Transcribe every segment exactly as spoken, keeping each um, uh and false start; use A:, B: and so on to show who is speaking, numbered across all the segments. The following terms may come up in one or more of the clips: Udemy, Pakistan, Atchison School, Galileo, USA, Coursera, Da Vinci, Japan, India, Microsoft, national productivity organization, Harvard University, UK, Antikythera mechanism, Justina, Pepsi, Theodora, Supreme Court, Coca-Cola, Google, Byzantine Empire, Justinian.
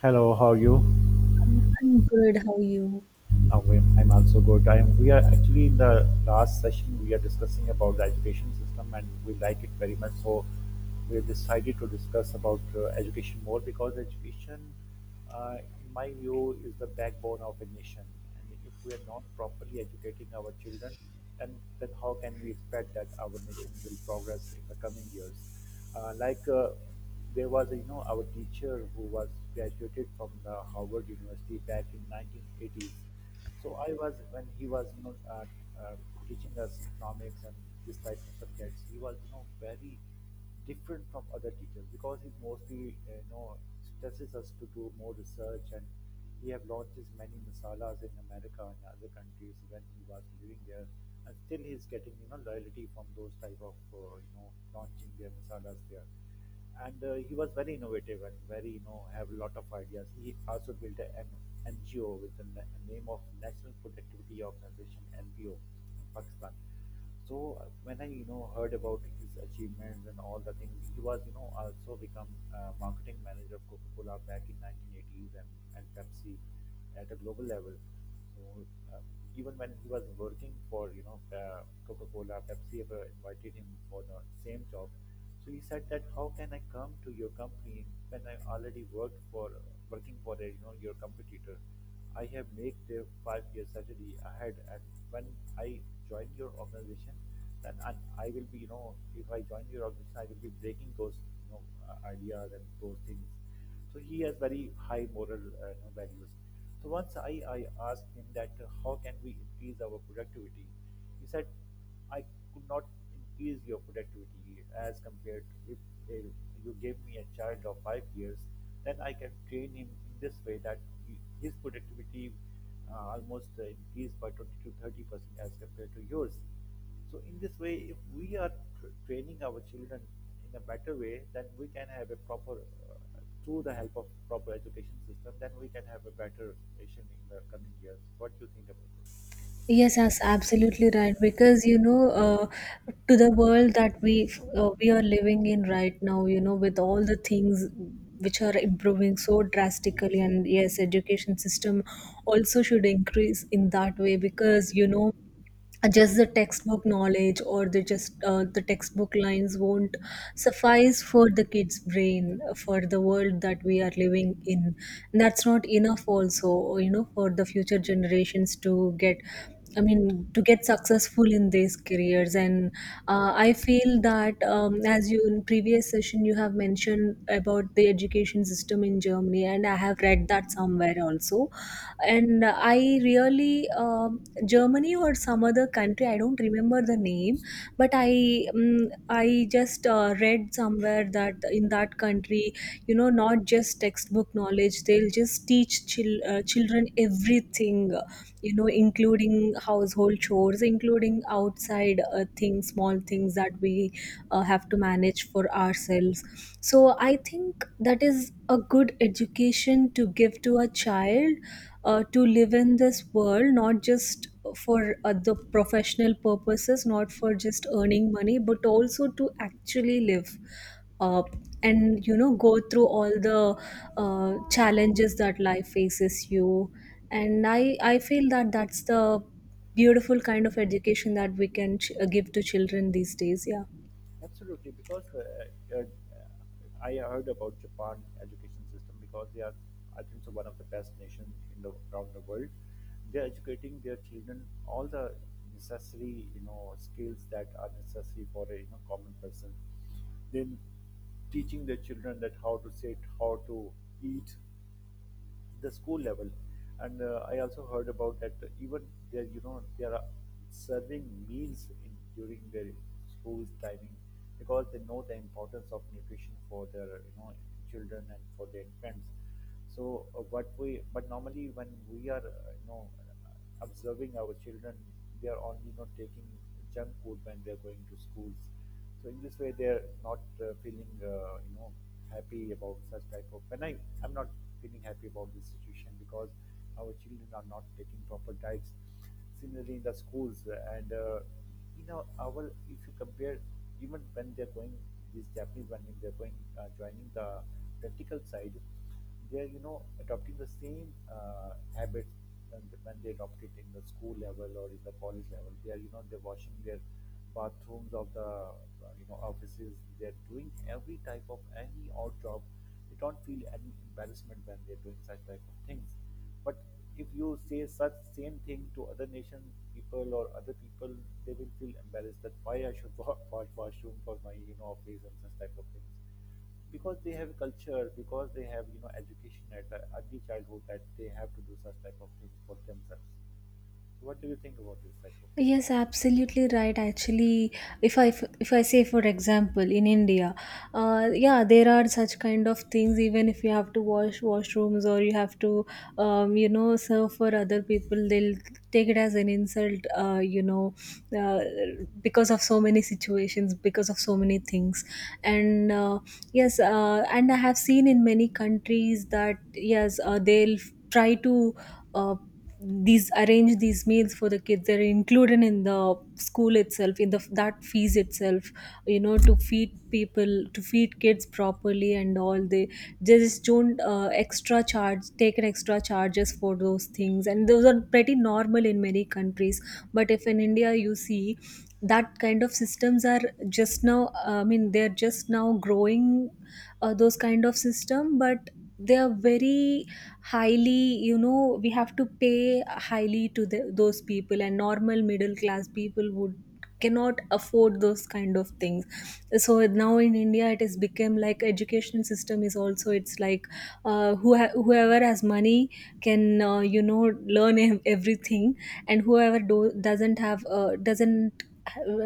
A: Hello, how are you?
B: I'm good. How are you?
A: Um, we- I'm also good. I am, we are actually in the last session we are discussing about the education system and we like it very much. So we have decided to discuss about uh, education more because education, uh, in my view, is the backbone of a nation. And if we are not properly educating our children, then, then how can we expect that our nation will progress in the coming years? Uh, like uh, there was, you know, our teacher who was graduated from the Harvard University back in nineteen eighties. So I was when he was, you know, uh, uh, teaching us economics and this type of subjects. He was, you know, very different from other teachers because he mostly uh, you know stresses us to do more research, and he have launched his many masalas in America and other countries when he was living there, and still he's getting you know loyalty from those type of uh, you know launching their masalas there. And uh, he was very innovative and very you know have a lot of ideas. He also built an N G O with the na- name of National Productivity Organization, N P O, in Pakistan. So uh, when I you know heard about his achievements and all the things, he was you know also become uh, marketing manager of Coca-Cola back in nineteen eighties, and, and Pepsi at a global level. So uh, even when he was working for you know uh, Coca-Cola, Pepsi ever invited him for the same job. So he said that how can I come to your company when I already worked for working for a, you know your competitor? I have made the five year salary ahead, and when I join your organization, then and I will be, you know, if I join your organization, I will be breaking those, you know, uh, ideas and those things. So he has very high moral uh, you know, values. So once I, I asked him that uh, how can we increase our productivity, he said, I could not increase your productivity as compared to if uh, you gave me a child of five years, then I can train him in this way that he, his productivity uh, almost uh, increased by twenty to thirty percent as compared to yours. So, in this way, if we are tr- training our children in a better way, then we can have a proper, uh, through the help of proper education system, then we can have a better nation in the coming years. What do you think about this?
B: Yes, that's absolutely right. Because, you know, uh, to the world that we uh, we are living in right now, you know, with all the things which are improving so drastically, and yes, education system also should increase in that way, because, you know, just the textbook knowledge or the just uh, the textbook lines won't suffice for the kids brain, for the world that we are living in. That's not enough also, you know, for the future generations to get i mean to get successful in these careers. And uh, I feel that, um, as you in previous session you have mentioned about the education system in Germany, and I have read that somewhere also. And I really, um, Germany or some other country, I don't remember the name, but i um, i just uh, read somewhere that in that country, you know, not just textbook knowledge, they'll just teach chil- uh, children everything, you know, including household chores, including outside uh, things, small things that we uh, have to manage for ourselves. So I think that is a good education to give to a child, uh, to live in this world, not just for uh, the professional purposes, not for just earning money, but also to actually live, uh, and you know go through all the uh, challenges that life faces you. And i i feel that that's the beautiful kind of education that we can ch- give to children these days. Yeah.
A: Absolutely, because uh, uh, I heard about Japan education system because they are, I think, so one of the best nations in the around the world. They are educating their children all the necessary, you know, skills that are necessary for a you know common person. Then teaching their children that how to sit, how to eat, the school level, and uh, I also heard about that even there you know they are serving meals in during their school timing, because they know the importance of nutrition for their you know children and for their infants. So uh, what we but normally when we are uh, you know observing our children, they are only not taking junk food when they are going to schools. So in this way they are not uh, feeling uh, you know happy about such type of, when I I'm not feeling happy about this situation because our children are not taking proper diets. Similarly in the schools uh, and uh, you know our if you compare, even when they're going these Japanese, when they're going uh, joining the practical side, they are you know adopting the same uh, habits. When, when they adopt it in the school level or in the college level, they are you know they're washing their bathrooms of the uh, you know offices, they're doing every type of any odd job, they don't feel any embarrassment when they're doing such type of things. But if you say such same thing to other nation people or other people, they will feel embarrassed that why I should wa- wash washroom for my you know office and such type of things, because they have culture, because they have you know education at the early childhood that they have to do such type of things for themselves. So what do you think about this type of?
B: Yes, absolutely right. Actually, if I f- if I say for example in India, uh, yeah, there are such kind of things. Even if you have to wash washrooms or you have to, um, you know, serve for other people, they'll take it as an insult. Uh, you know, uh, because of so many situations, because of so many things, and uh, yes, uh, and I have seen in many countries that yes, uh, they'll try to. Uh, these arrange these meals for the kids, they're included in the school itself, in the that fees itself, you know, to feed people, to feed kids properly, and all. They they just don't uh, extra charge take an extra charges for those things, and those are pretty normal in many countries. But if in India you see, that kind of systems are just now, I mean, they're just now growing, uh, those kind of system. But they are very highly, you know, we have to pay highly to the, those people, and normal middle class people would cannot afford those kind of things. So now in India it has become like education system is also, it's like, uh, who whoever has money can, uh, you know learn ev- everything, and whoever do- doesn't have, uh, doesn't,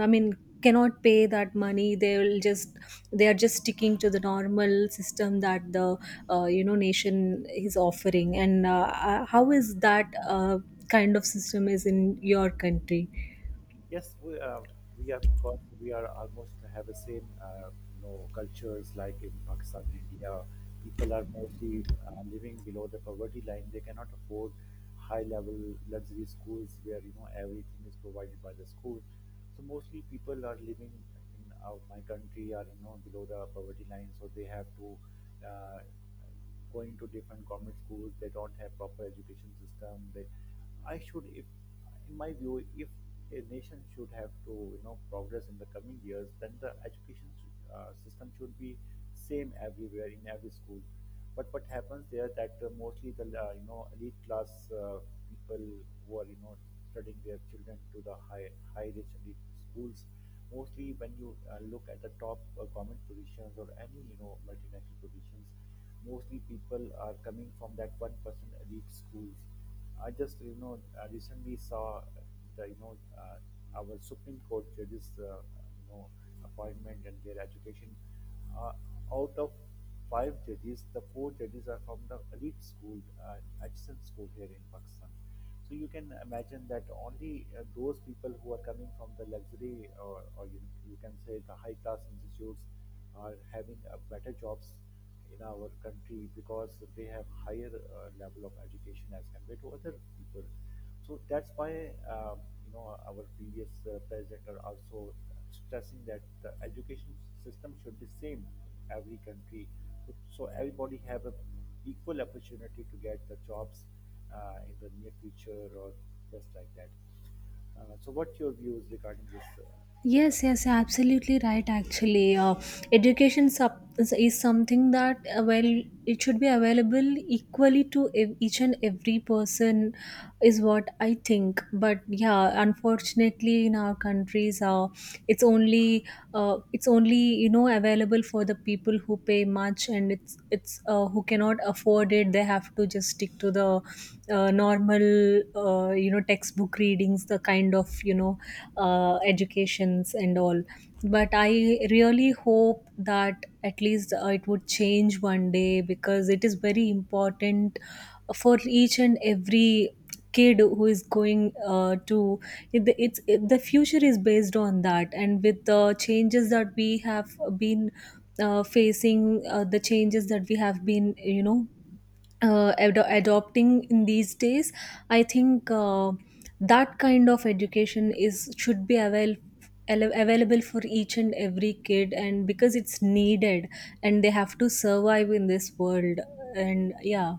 B: I mean, cannot pay that money, they will just, they are just sticking to the normal system that the, uh, you know, nation is offering. And uh, uh, how is that uh, kind of system is in your country?
A: Yes, we uh, we have got we are almost have the same uh, you know cultures like in Pakistan and India. People are mostly uh, living below the poverty line. They cannot afford high level luxury schools where you know everything is provided by the school. So mostly people are living in out my country are you know below the poverty line, so they have to uh, going to different government schools. They don't have proper education system. They, I should, if In my view, if a nation should have to you know progress in the coming years, then the education uh, system should be same everywhere in every school. But what happens there that uh, mostly the uh, you know elite class uh, people who are you know studying their children to the high high rich elite schools, mostly when you uh, look at the top uh, government positions or any you know multinational positions, mostly people are coming from that one percent elite schools. I just you know uh, recently saw the you know uh, our Supreme Court judges uh, you know appointment and their education. Uh, Out of five judges, the four judges are from the elite school, uh, Atchison School here in Pakistan. So you can imagine that only uh, those people who are coming from the luxury, or, or you, you can say, the high class institutes, are having uh, better jobs in our country because they have higher uh, level of education as compared to other people. So that's why um, you know our previous uh, president are also stressing that the education system should be same in every country, so everybody have a equal opportunity to get the jobs uh, in the near future or just like that. Uh, so, what your views regarding this uh, system?
B: Yes, yes, absolutely right. Actually, uh, education sub- is is something that, uh, well, it should be available equally to ev- each and every person, is what I think. But yeah, unfortunately, in our countries, uh, it's only uh, it's only, you know, available for the people who pay much, and it's it's uh, who cannot afford it, they have to just stick to the uh, normal, uh, you know textbook readings, the kind of, you know uh, educations and all. But I really hope that at least uh, it would change one day, because it is very important for each and every kid who is going uh, to it- it's it, the future is based on that, and with the changes that we have been uh, facing, uh, the changes that we have been, you know uh, ad- adopting in these days, I think uh, that kind of education is should be avail- al- available for each and every kid, and because it's needed and they have to survive in this world. And yeah.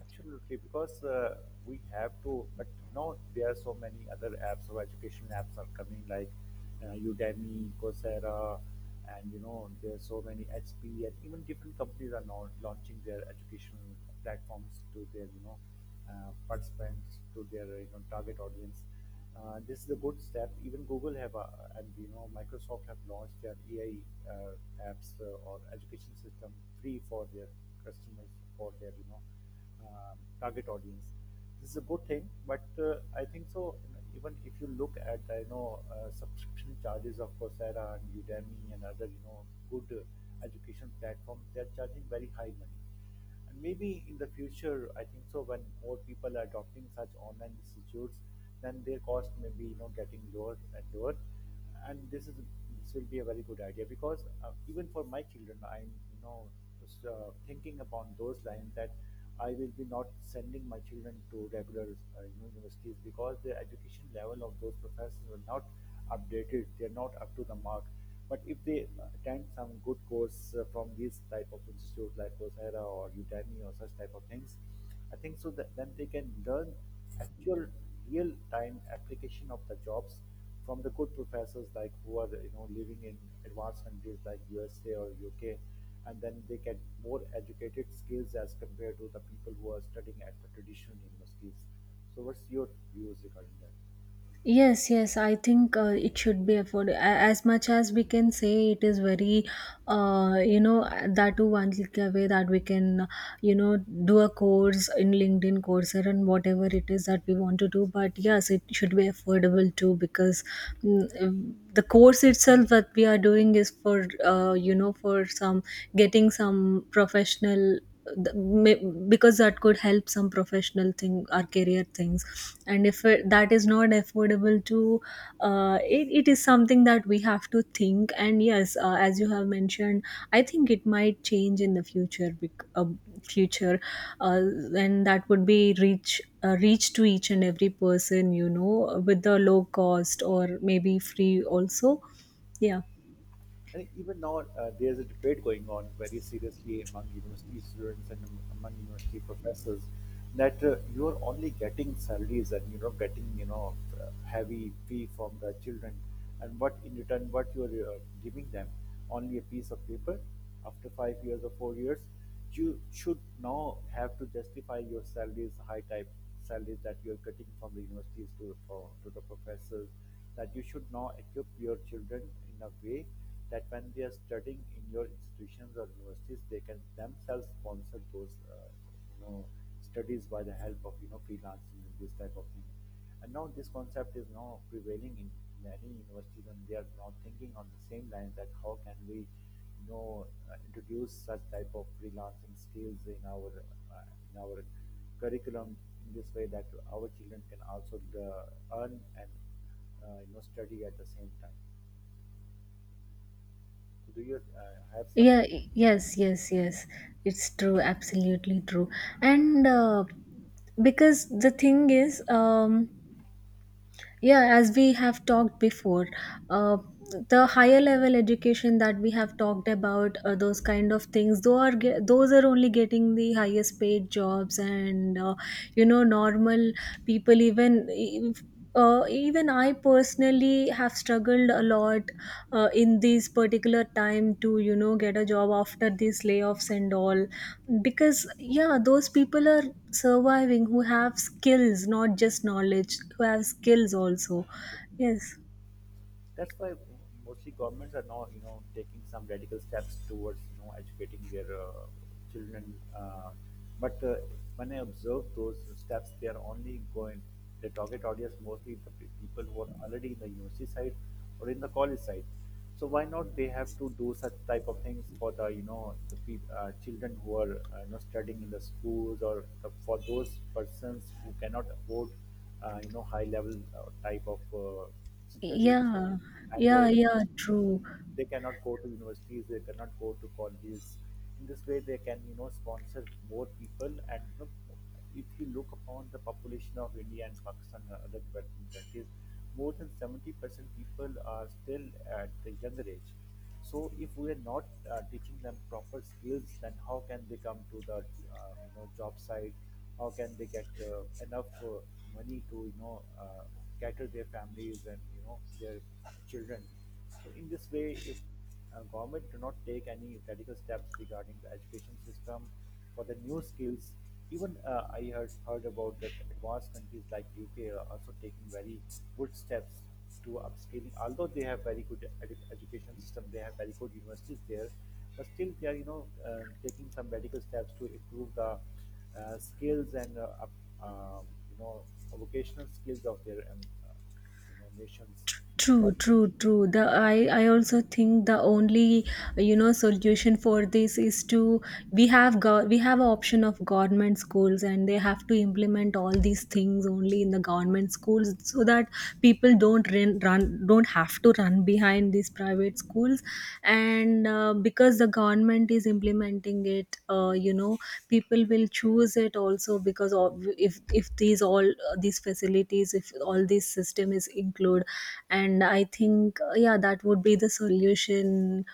A: Absolutely, because uh, we have to, but now there are so many other apps or education apps are coming like uh, Udemy, Coursera, and you know, there are so many H P and even different companies are now launching their educational platforms to their, you know, uh, participants, to their, you know, target audience. Uh, this is a good step. Even Google have, uh, and you know, Microsoft have launched their A I uh, apps uh, or education system free for their customers, for their, you know, um, target audience. This is a good thing, but uh, I think so. Even if you look at I know uh, subscription charges of Coursera and Udemy and other you know good uh, education platforms, they're charging very high money. And maybe in the future, I think so, when more people are adopting such online institutes, then their cost may be you know getting lower and lower. And this is this will be a very good idea because uh, even for my children, I'm you know just, uh, thinking upon those lines that I will be not sending my children to regular uh, you know, universities because the education level of those professors are not updated. They are not up to the mark. But if they attend some good course uh, from these type of institute like Coursera or Udemy or such type of things, I think so that then they can learn actual real time application of the jobs from the good professors like who are you know living in advanced countries like U S A or U K, and then they get more educated skills as compared to the people who are studying at the traditional universities. So what's your views regarding that?
B: Yes, yes, I think uh, it should be affordable. As much as we can say, it is very, uh, you know, that too one click away, that we can, you know, do a course in LinkedIn, Coursera, and whatever it is that we want to do. But yes, it should be affordable too, because mm, um, the course itself that we are doing is for, uh, you know, for some getting some professional. th- may- Because that could help some professional thing, our career things, and if it, that is not affordable to uh, it, it is something that we have to think. And yes, uh, as you have mentioned, I think it might change in the future, bec- uh, future uh, and that would be reach uh, reach to each and every person, you know, with the low cost, or maybe free also. Yeah,
A: And even now, uh, there's a debate going on very seriously among university students and am- among university professors, that uh, you are only getting salaries and you are not getting you know uh, heavy fee from the children, and what in return what you are uh, giving them, only a piece of paper after five years or four years. You should now have to justify your salaries, high type salaries that you're getting from the universities to, for, to the professors, that you should now equip your children in a way that when they are studying in your institutions or universities, they can themselves sponsor those, uh, you know, studies by the help of, you know, freelancing and this type of thing. And now this concept is now prevailing in many universities, and they are now thinking on the same lines that how can we know uh, introduce such type of freelancing skills in our uh, in our curriculum in this way that our children can also uh, earn and uh, you know study at the same time. So do you uh, have some?
B: yeah, y- yes, yes, yes. It's true, absolutely true. And uh, because the thing is, um yeah, as we have talked before, uh, the higher level education that we have talked about, uh, those kind of things, though are ge- those are only getting the highest paid jobs, and uh, you know normal people, even e- uh, even I personally have struggled a lot uh, in this particular time to, you know, get a job after these layoffs and all, because yeah, those people are surviving who have skills, not just knowledge, who have skills also. Yes.
A: That's why mostly governments are now you know taking some radical steps towards you know educating their uh, children, uh, but uh, when I observe those steps, they are only going the target audience, mostly the pe- people who are already in the university side or in the college side. So why not they have to do such type of things for the you know the peop- uh, children who are uh, you know studying in the schools, or the, for those persons who cannot afford uh, you know high level uh, type of uh, studies.
B: Yeah,
A: And
B: yeah,
A: the
B: yeah, true.
A: they cannot go to universities, they cannot go to colleges. In this way they can you know sponsor more people, and you know, if you look upon the population of India and Pakistan and other developing countries, more than seventy percent people are still at the younger age. So if we are not uh, teaching them proper skills, then how can they come to the uh, you know job site, how can they get uh, enough uh, money to you know uh, cater their families and you know their children. So in this way, if uh, government do not take any radical steps regarding the education system for the new skills, even uh, I heard heard about that advanced countries like U K are also taking very good steps to upscaling. Although they have very good edu- education system, they have very good universities there, but still they are you know uh, taking some radical steps to improve the uh, skills and uh, up- um you know vocational skills of their um, uh, you know nations.
B: True,
A: But
B: true, true. The I, I also think the only, you know solution for this is to we have got we have a option of government schools, and they have to implement all these things only in the government schools, so that people don't run, run don't have to run behind these private schools. And uh, because the government government is implementing it, uh, you know people will choose it also, because of, if if these all, uh, these facilities, if all this system is include. And I think uh, yeah, that would be the solution.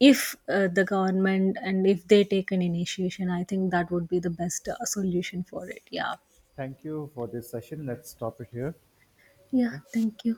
B: If uh, the government, and if they take an initiation, I think that would be the best uh, solution for it. Yeah.
A: Thank you for this session. Let's stop it here.
B: Yeah,
A: Okay.
B: thank you.